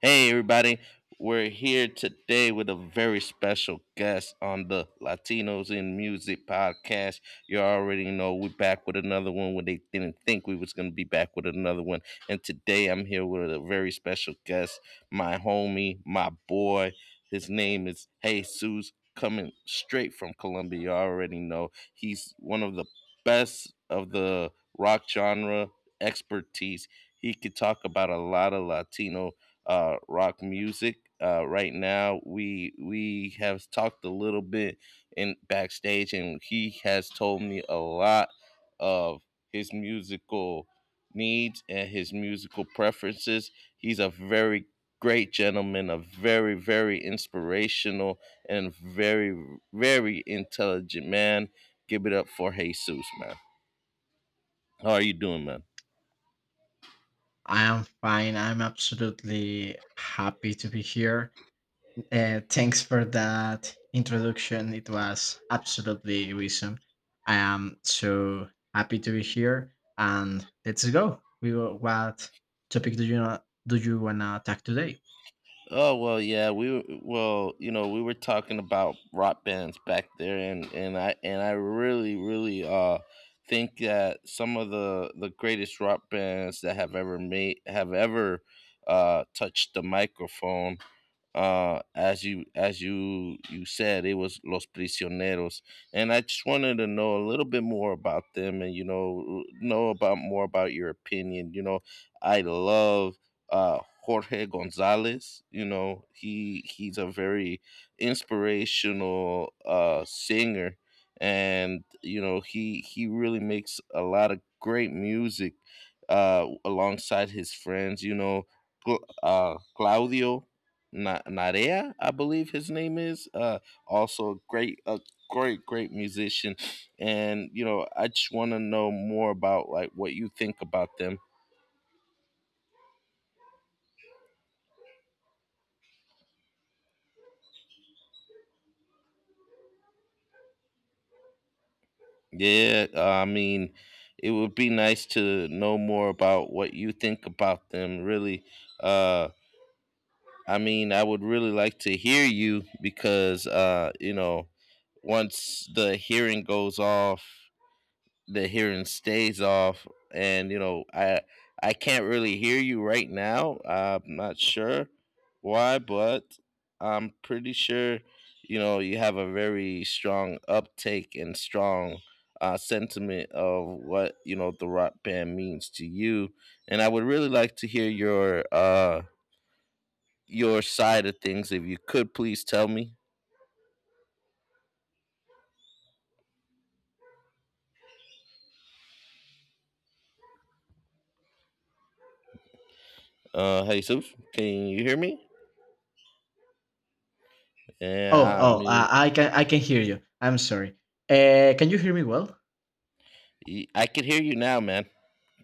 Hey, everybody. We're here today with a very special guest on the Latinos in Music podcast. You already know we're back with another one when they didn't think we was going to be back with another one. And today I'm here with a very special guest, my homie, my boy. His name is Jesus, coming straight from Colombia. You already know he's one of the best of the rock genre expertise. He could talk about a lot of Latino rock music. Right now, we have talked a little bit in backstage, and he has told me a lot of his musical needs and his musical preferences. He's a very great gentleman, a very very inspirational and very very intelligent man. Give it up for Jesus, man. How are you doing, man? I am fine. I'm absolutely happy to be here. Thanks for that introduction. It was absolutely awesome. I am so happy to be here. And let's go. We will, what topic do you not, do you wanna talk today? Oh well, yeah, well, we were talking about rock bands back there, and I really really think that some of the greatest rock bands that have ever made have ever touched the microphone as you said, it was los prisioneros, and I just wanted to know a little bit more about them. And you know know about more about your opinion. I love jorge gonzalez. He's a very inspirational singer, and he really makes a lot of great music alongside his friends. Cla- claudio, Narea, I believe his name is. Also a great, great musician, and I just want to know more about like what you think about them. Yeah, I mean, it would be nice to know more about what you think about them. Really, uh, I mean, I would really like to hear you because once the hearing goes off, the hearing stays off. And you know i i can't really hear you right now. I'm not sure why, but I'm pretty sure you have a very strong uptake and strong sentiment of what the rock band means to you. And I would really like to hear your side of things, if you could please tell me. Hey Soof, can you hear me? Yeah, I Oh, mean. I can hear you. I'm sorry. Can you hear me well? I could hear you now, man.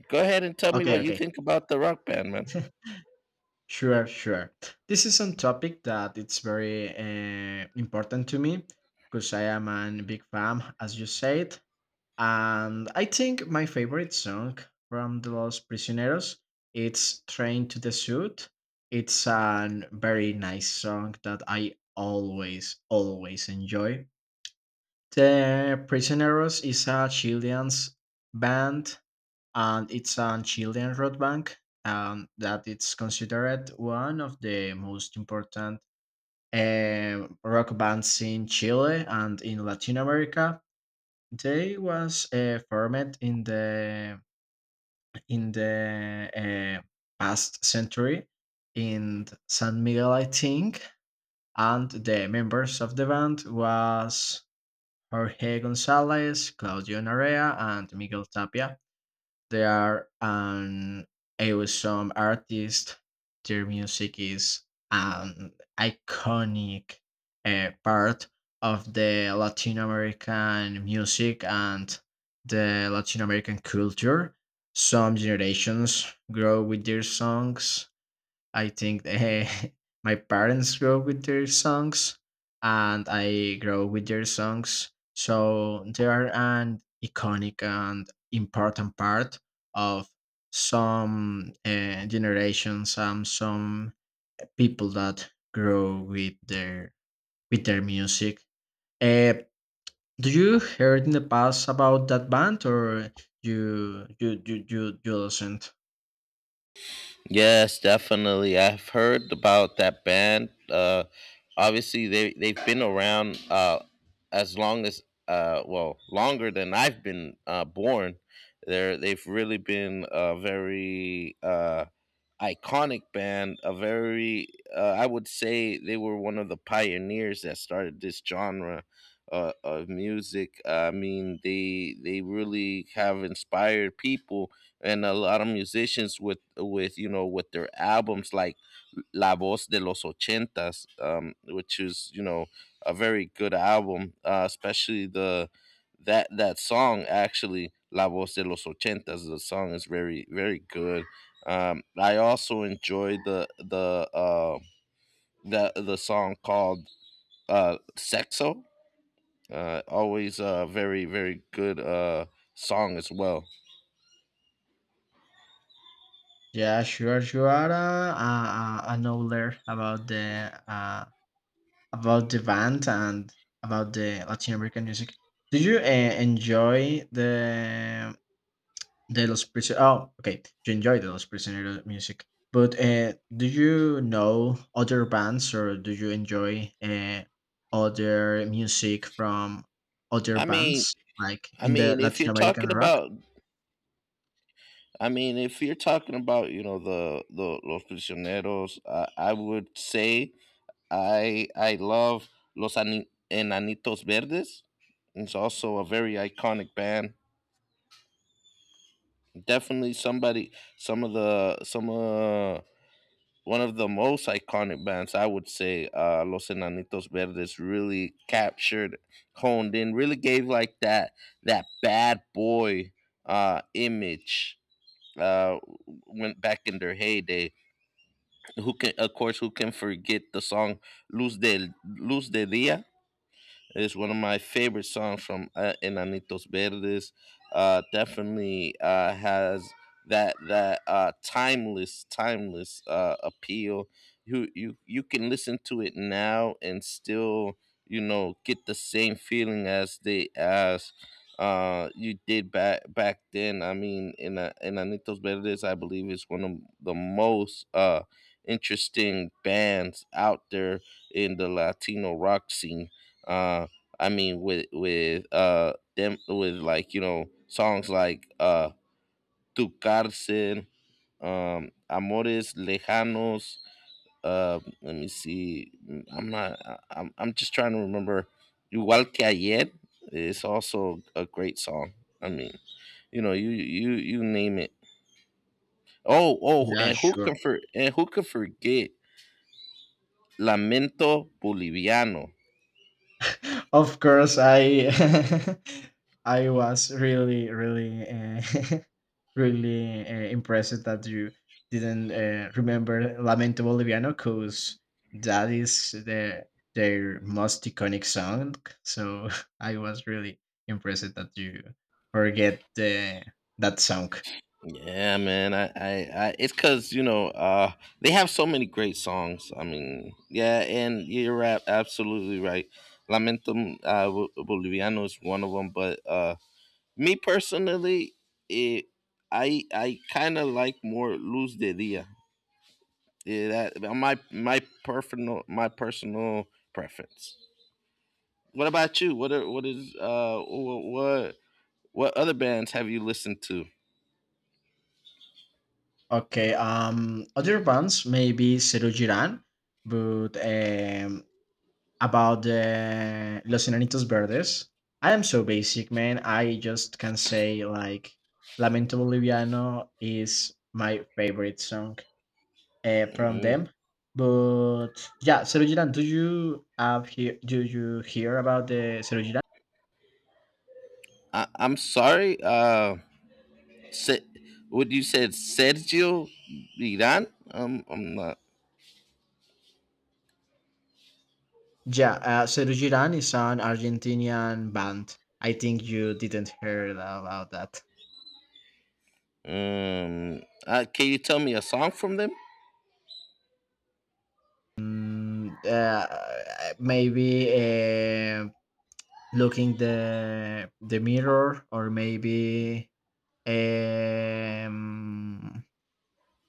Go ahead and tell me Okay, what you okay. think about the rock band, man. Sure, sure. This is some topic that it's very important to me because I am a big fan, as you said. And I think my favorite song from The Lost Prisioneros it's Train to the Suit. It's a very nice song that I always, always enjoy. The Prisioneros is a Chilean band and it's an Chilean road bank and that it's considered one of the most important rock bands in Chile and in Latin America. They was formed in the in the uh, past century in San Miguel, I think, and the members of the band was Jorge Gonzalez, Claudio Narea, and Miguel Tapia. They are an awesome artist. Their music is an iconic part of the Latin American music and the Latin American culture. Some generations grow with their songs. I think my parents grow with their songs, and I grow with their songs. So they are an iconic and important part of some generations and some people that grow with their music. Uh, do you heard in the past about that band, or you listen? Yes, definitely. I've heard about that band. Obviously, they've been around as long as well, longer than I've been born. They've really been a very iconic band. A very I would say they were one of the pioneers that started this genre. Of music. I mean, they really have inspired people and a lot of musicians with with their albums like La Voz de los Ochentas, which is a very good album, especially the that that song, actually, La Voz de los Ochentas. The song is very very good. I also enjoy the song called Sexo. Always a very very good song as well. Yeah, sure, sure. I know there about the band and about the Latin American music. Did you enjoy the Los Prisioneros? Oh, okay. You enjoy the Los Prisioneros music, but do you know other bands or do you enjoy other music from other I mean, bands like I in the mean, if you're Latin American talking rock? about I mean, if you're talking about the los prisioneros, I would say I love Enanitos Verdes. It's also a very iconic band. Definitely, somebody, some of the some one of the most iconic bands, I would say. Los Enanitos Verdes really captured, honed in, really gave like that bad boy image, uh went back in their heyday. Who can of course who can forget the song luz del luz de dia? It's one of my favorite songs from Enanitos Verdes. Definitely has that timeless appeal. You can listen to it now and still get the same feeling as they as you did back then. I mean, in anitos verdes, I believe, is one of the most interesting bands out there in the latino rock scene. Uh I mean, with them, with, like, songs like, Tu Cárcel, Amores Lejanos. Let me see. I'm not. I'm. I'm just trying to remember. Igual que ayer is also a great song. I mean, you name it. Oh, oh, Yeah, and who can sure. for and who can forget Lamento Boliviano? Of course, I I was really, really, really impressed that you didn't remember Lamento Boliviano, because that is the their most iconic song. So I was really impressed that you forget that song. Yeah, man. I it's because they have so many great songs. I mean, yeah, and you're absolutely right. Lamentum, Boliviano is one of them, but me personally, it, I kind of like more Luz de Dia. Yeah, that my personal preference. What about you? What are, what is what, other bands have you listened to? Okay. Other bands maybe Cero Giran, but about the Los Enanitos Verdes. I am so basic, man. I just can say like Lamento Boliviano is my favorite song from hmm them. But yeah, Cero Girán, do you have hear do you hear about the Cero Girán? I'm sorry. Se- what you said, Sergio Iran? I'm not. Yeah, Cero Girán is an Argentinian band. I think you didn't hear about that. Can you tell me a song from them? Maybe looking the mirror or maybe um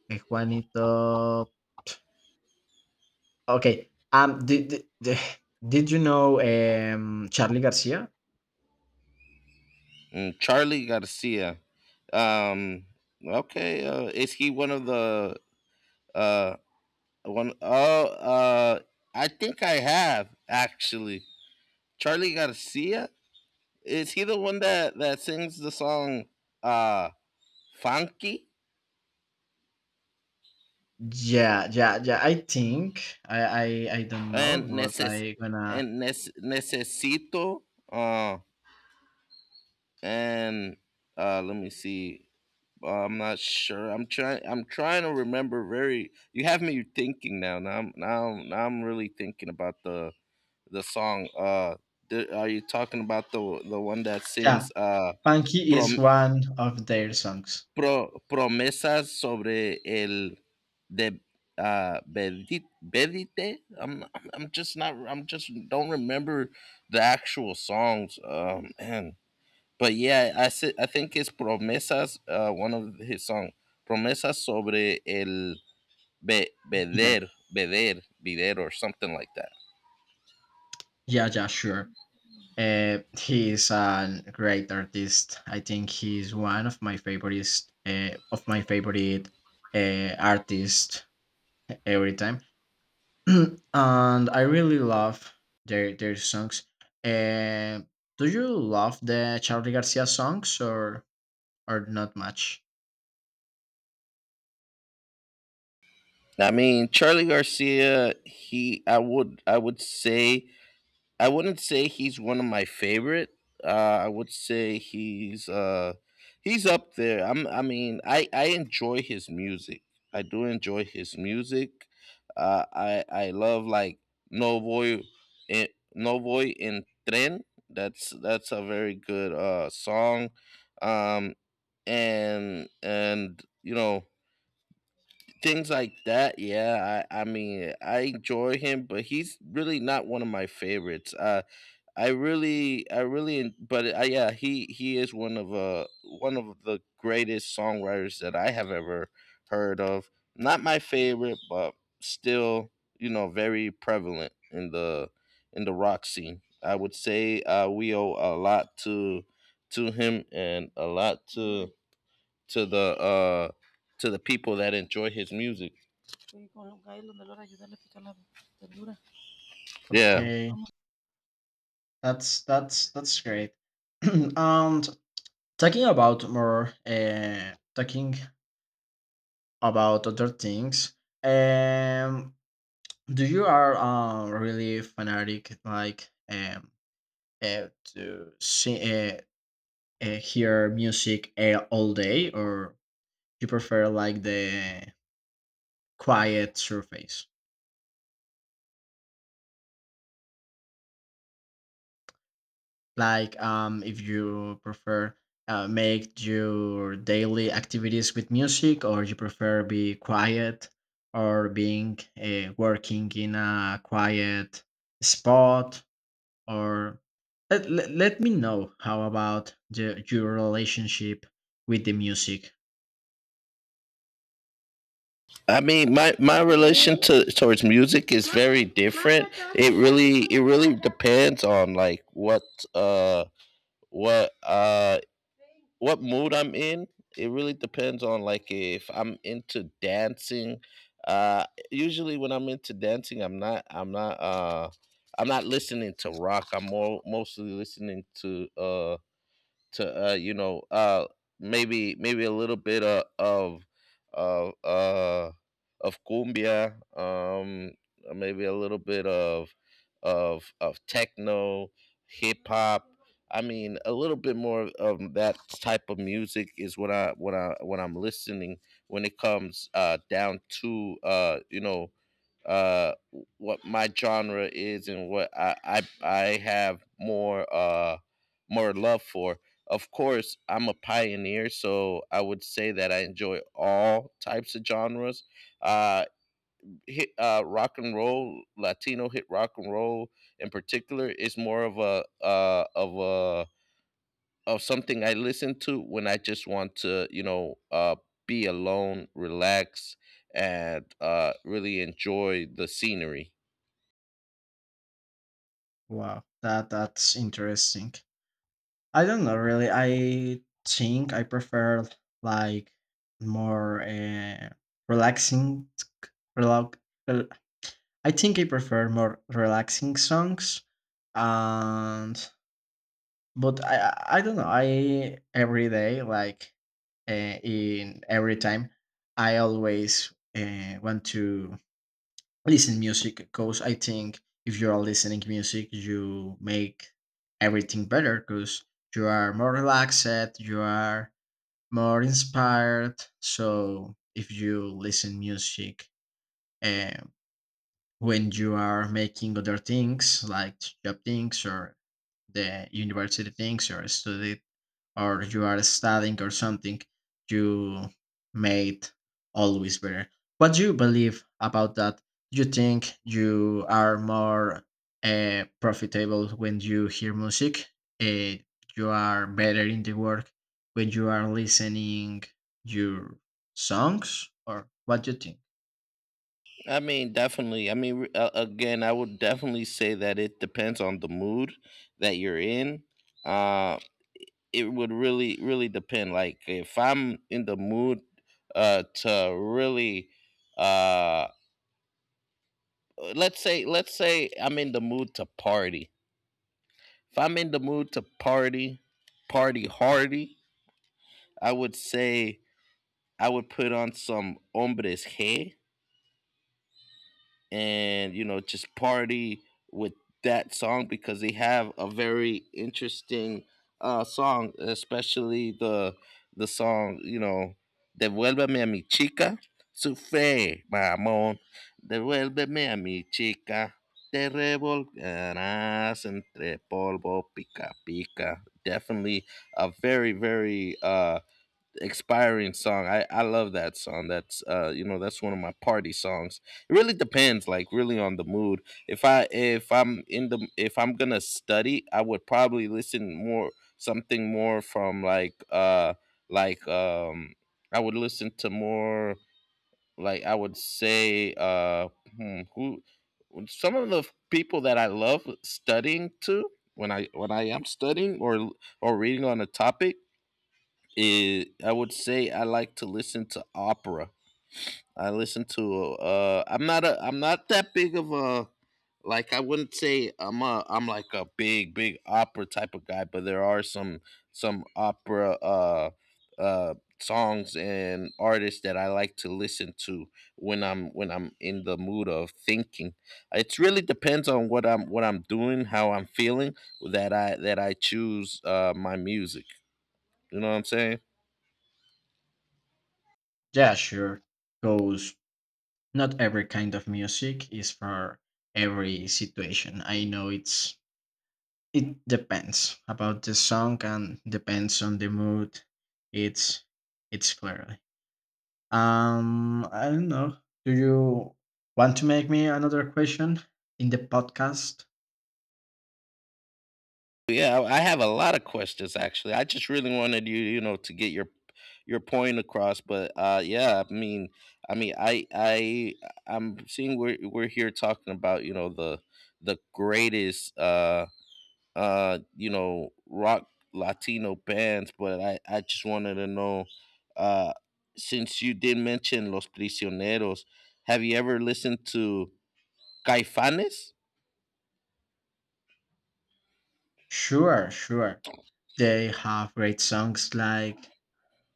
Juanito. Okay, did did you know Charlie Garcia? Charlie Garcia. Um, okay. Is he one of the uh one? Oh, I think I have, actually. Charlie Garcia. Is he the one that sings the song uh funky Yeah, yeah, yeah, I think I I don't know, and but I gonna. Necesito? Uh, and let me see. I'm not sure. I'm trying. I'm trying to remember. Very. You have me thinking now. Now I'm really thinking about the song. Are you talking about the one that Yeah, sings Funky is prom, one of their songs. Promesas sobre el de bedite? I'm just not. I'm just don't remember the actual songs. Man, but yeah, I think it's Promesas, one of his song, Promesas sobre el Do that. veder, or something like that. Yeah, yeah, sure. He is a great artist. I think he's one of my favorites, of my favorite artists every time, and I really love their songs. Uh, do you love the Charlie Garcia songs or not much? I mean, Charlie Garcia, he, I would say I wouldn't say he's one of my favorite. Uh, I would say he's up there. I mean, I enjoy his music. I do enjoy his music. I love like Novoy, eh, Novoy in Tren. That's a very good song. Um, and things like that. Yeah, I mean, I enjoy him, but he's really not one of my favorites. I really, but I, Yeah, he is one of the greatest songwriters that I have ever heard of. Not my favorite, but still, very prevalent in the rock scene. I would say we owe a lot to him and a lot to the uh to the people that enjoy his music. Yeah. Okay, that's that's great. And talking about other things. Um, do you are really fanatic like to see hear music all day or you prefer like the quiet surface like if you prefer make your daily activities with music or you prefer be quiet or being working in a quiet spot or let me know how about your relationship with the music. I mean, my relation to towards music is very different. It really depends on like uh what uh what mood I'm in. It really depends on like if I'm into dancing. Usually, when I'm into dancing, I'm not listening to rock. I'm more mostly listening to maybe a little bit of uh, of cumbia, maybe a little bit of techno, hip hop. I mean, a little bit more of that type of music is what I when I'm listening when it comes down to uh, what my genre is, and what I have more love for. Of course, I'm a pioneer, so I would say that I enjoy all types of genres. Uh, hit rock and roll, Latino hit rock and roll in particular is more of something I listen to when I just want to, be alone, relax, and really enjoy the scenery. Wow, that that's interesting. I don't know really. I think I prefer like more relaxing relax, I think I prefer more relaxing songs. And but I don't know. I every day, like in every time, I always want to listen music because I think if you are listening music, you make everything better because you are more relaxed, you are more inspired. So if you listen music uh, when you are making other things like job things or the university things or study or you are studying or something, you made always better. What do you believe about that? Do you think you are more profitable when you hear music? Uh, you are better in the work when you are listening your songs, or what do you think? I mean, definitely. I mean, again, I would definitely say that it depends on the mood that you're in. Uh, it would really really depend like if I'm in the mood to really uh let's say I'm in the mood to party if I'm in the mood to party, party hardy, I would say I would put on some hombres g, and just party with that song, because they have a very interesting song, especially the song, devuélveme a mi chica, su fe mamón, devuélveme a mi chica, te revolcarás entre polvo, pica pica. Definitely a very very expiring song. I love that song. That's you know that's one of my party songs. It really depends, like, really on the mood. If I'm going to study, I would probably listen more something more from like, like, I would listen to more, like, I would say, who some of the people that I love studying to when I am studying or reading on a topic is, I would say, I like to listen to opera. I listen to I'm not that big of a, like, I wouldn't say I'm, like, a big big opera type of guy, but there are some opera uh songs and artists that I like to listen to when I'm in the mood of thinking. It really depends on what I'm doing, how I'm feeling, that I choose my music. You know what I'm saying? Yeah, sure. Goes not every kind of music is for every situation. I know it's. It depends about the song and depends on the mood. It's it's clearly. I don't know. Do you want to make me another question in the podcast? Yeah, I have a lot of questions, actually. I just really wanted you, to get your point across, but yeah, I mean, I'm seeing we're here talking about, the greatest rock Latino bands, but I just wanted to know, uh since you did mention Los Prisioneros, have you ever listened to Caifanes? Sure, sure. They have great songs like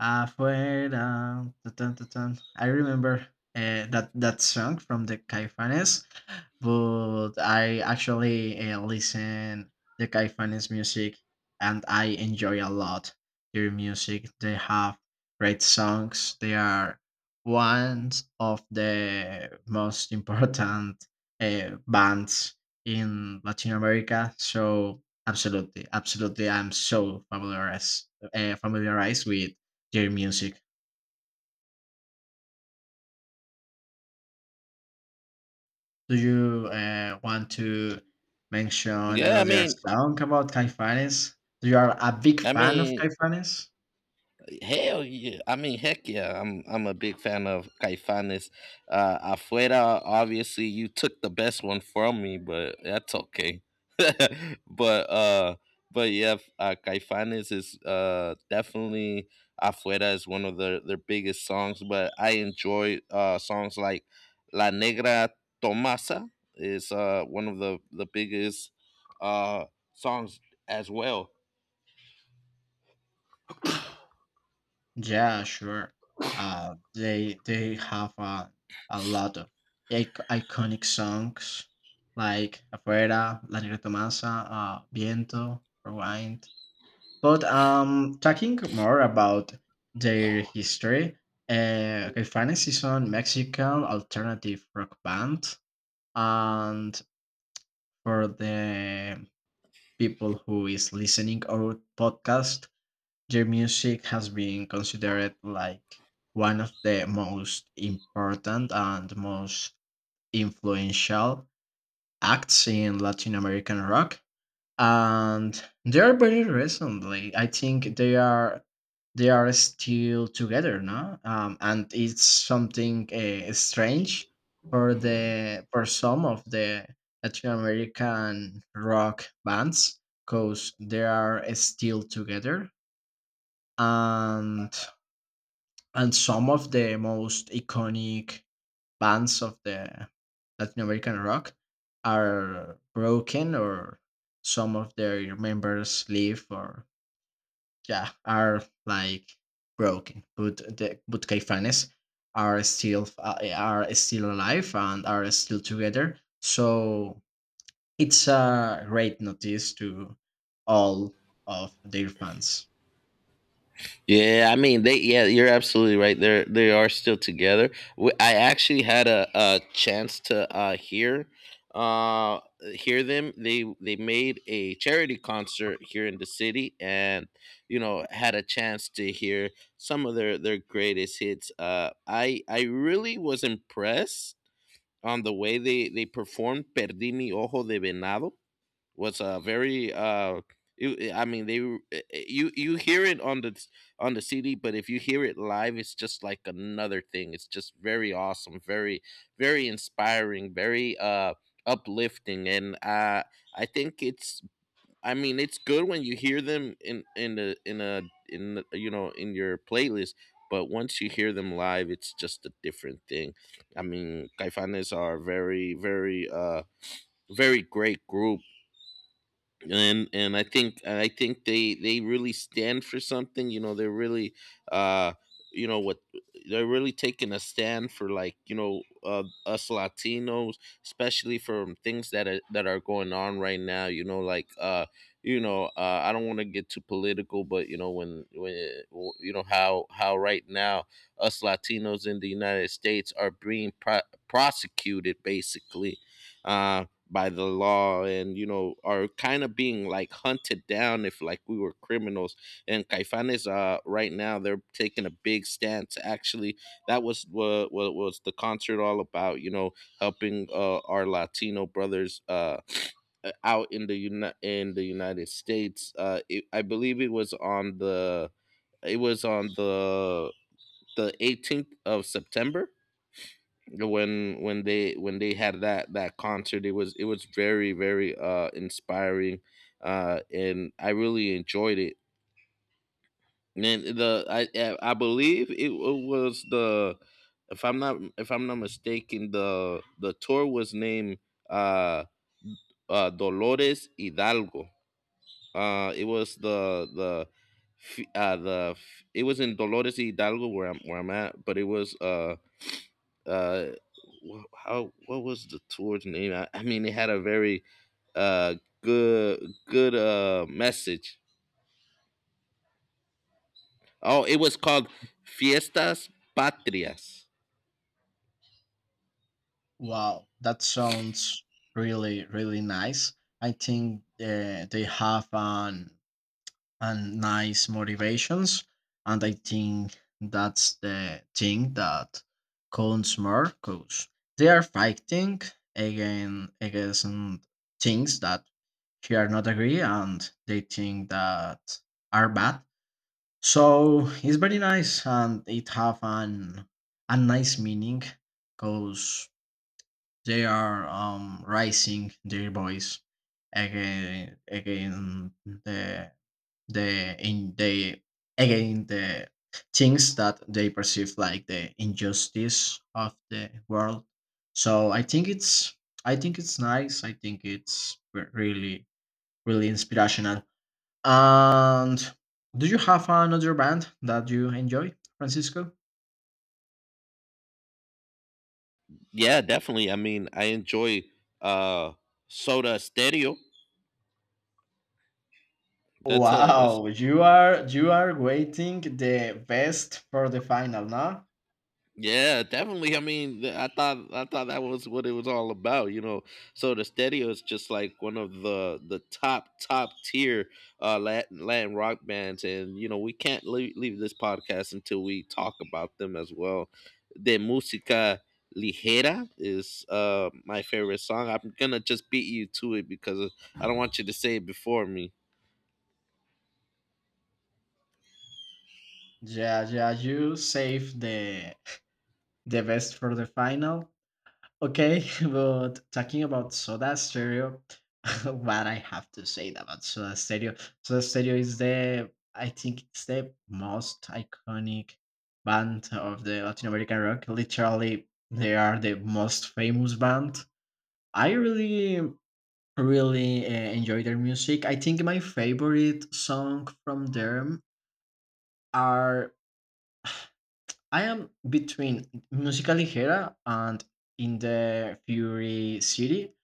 Afuera. Tun, tun, tun, tun. I remember that that song from the Caifanes, but I actually listen the Caifanes music and I enjoy a lot their music. They have great songs. They are one of the most important bands in Latin America. So absolutely, absolutely, I'm so familiarized with your music. Do you want to mention Yeah, another song about Caifanes? You are a big I fan of mean, Caifanes? hell yeah. I mean, heck yeah. I'm a big fan of Caifanes. Afuera, obviously, you took the best one from me, but that's okay. but uh, but yeah, Caifanes is definitely Afuera is one of their biggest songs. But I enjoy songs like La Negra Tomasa is one of the biggest uh songs as well. Yeah, sure. They have a lot of ic- iconic songs like Afuera, La Negra Tomasa, Viento, Rewind. But talking more about their history, Caifanes is a Mexican alternative rock band and for the people who is listening our podcast their music has been considered like one of the most important and most influential acts in Latin American rock, and they are very recently. I think they are still together now, and it's something strange for the for some of the Latin American rock bands because they are still together and and some of the most iconic bands of the Latin American rock are broken or some of their members leave or yeah are like broken, but the but Caifanes are still alive and are still together, so it's a great notice to all of their fans. Yeah, I mean they. Yeah, you're absolutely right. They are still together. I actually had a chance to uh hear them. They made a charity concert here in the city, and had a chance to hear some of their greatest hits. I really was impressed on the way they performed "Perdí mi ojo de venado." was a very you, eh, I mean they You hear it on the CD, but if you hear it live, it's just like another thing. It's just very awesome, very very inspiring, very uplifting, and I think it's I mean it's good when you hear them in the in a in the- you know in your playlist. But once you hear them live, it's just a different thing. I mean, Caifanes are very very, very great group, and I think, they really stand for something. You know, they're really, uh you know what, they're really taking a stand for, like, you know, us Latinos, especially from things that are going on right now. You know, like, I don't want to get too political, but when how right now us Latinos in the United States are being prosecuted, basically. Um, by the law, and are kind of being like hunted down, if, like, we were criminals. And Caifanes, right now, they're taking a big stance, actually. What was the concert all about? Helping our Latino brothers, out in the in the United States. I believe it was on the, it was on the the 18th of September, when when they had that concert. It was very very, inspiring, and I really enjoyed it. And then, the I believe it was the if I'm not mistaken, the tour was named, uh Dolores Hidalgo. It was the f- It was in Dolores Hidalgo, where I'm at, but it was uh wh- how what was the tour's name? I mean, it had a very, uh good good, message. Oh, it was called Fiestas Patrias. Wow, that sounds really really nice. I think they have an and nice motivations. And I think that's the thing that counts more because they are fighting again against things that they are not agree and they think that are bad. So it's very nice and it have an a nice meaning because they are raising their voice again the the in the again the things that they perceive like the injustice of the world. So I think it's, I think it's nice, I think it's really really inspirational. And do you have another band that you enjoy, Francisco? Yeah, definitely. I mean, I enjoy uh Soda Stereo. That's a that's Wow, you are waiting the best for the final now. Yeah, definitely. I mean, I thought that was what it was all about. So the Stedio is just like one of the top top tier, Latin rock bands, and we can't leave this podcast until we talk about them as well. De música ligera is my favorite song. I'm gonna just beat you to it because I don't want you to say it before me. Yeah, yeah, you save the the best for the final. Okay, but talking about Soda Stereo, what I have to say about Soda Stereo, Soda Stereo is the, I think it's the most iconic band of the Latin American rock. Literally, they are the most famous band. I really, really enjoy their music. I think my favorite song from them are, I am between Musical Ligera and In the Fury City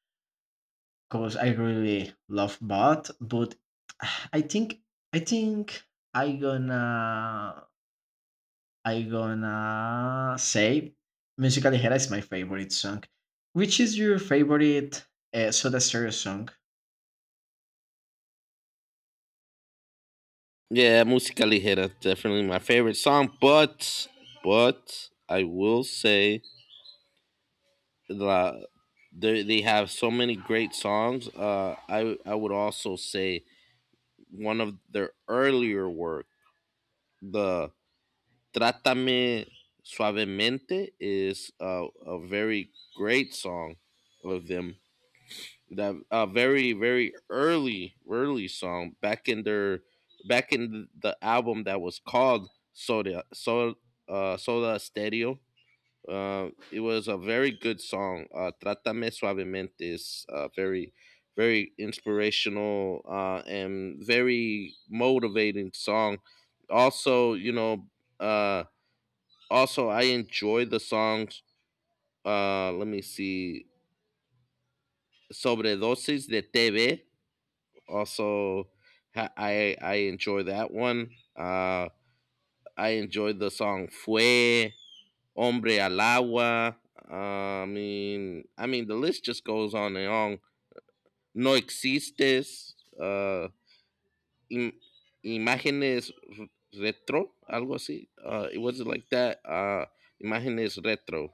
because I really love math, but I think I think I gonna I gonna say "Musical Ligera" is my favorite song. Which is your favorite Soda Stereo song? Yeah, música ligera, definitely my favorite song. But I will say, la, they have so many great songs. I would also say one of their earlier work, the Trátame Suavemente, is, a very great song of them. That a very very, early early song back in their back in the album that was called, Soda Stereo, it was a very good song. Trátame suavemente is, very, very inspirational, and very motivating song. Also, uh, also I enjoy the songs. Let me see, Sobredosis de TV. Also, I enjoy that one. Uh, I enjoy the song Fue. Hombre Alagua. I mean, the list just goes on and on. No existes. Im- Imágenes retro, algo así. It was like that. Imágenes retro.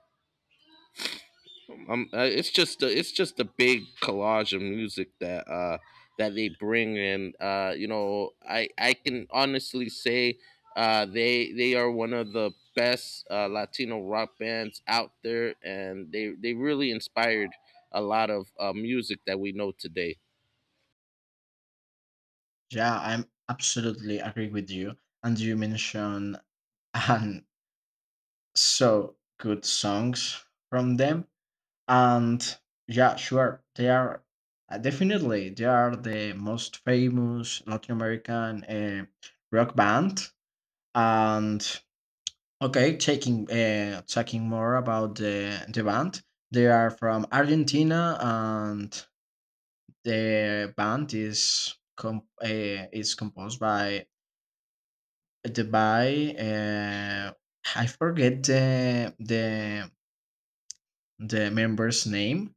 It's just a big collage of music that that they bring, and I can honestly say, they are one of the best, Latino rock bands out there, and they really inspired a lot of, music that we know today. Yeah, I'm absolutely agree with you. And you mentioned um, so good songs from them. And yeah, sure, they are definitely they are the most famous Latin American rock band. And okay, taking talking more about the band, they are from Argentina, and the band is is composed by the by I forget the the member's name.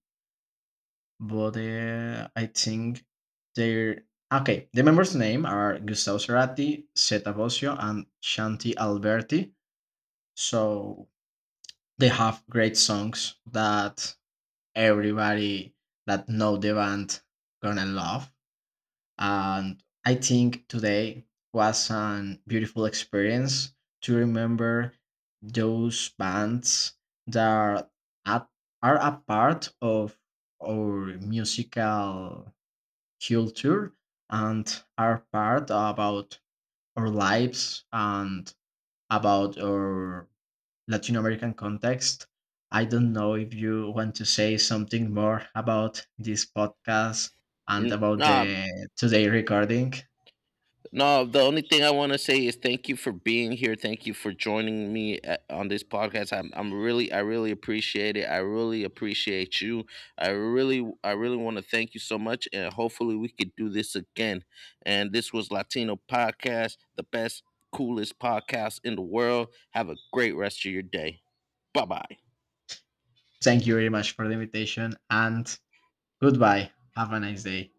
But, I think they're okay, the members' name are Gustavo Cerati, Zeta Bosio, and Shanti Alberti, so they have great songs that everybody that know the band gonna love, and I think today was an beautiful experience to remember those bands that are at are a part of our musical culture and are part about our lives and about our Latin American context. I don't know if you want to say something more about this podcast and N- about Nah, the today recording. No, the only thing I want to say is thank you for being here. Thank you for joining me, on this podcast. I really appreciate it. I really appreciate you. I really want to thank you so much, and hopefully we could do this again. And this was Latino Podcast, the best, coolest podcast in the world. Have a great rest of your day. Bye bye. Thank you very much for the invitation and goodbye. Have a nice day.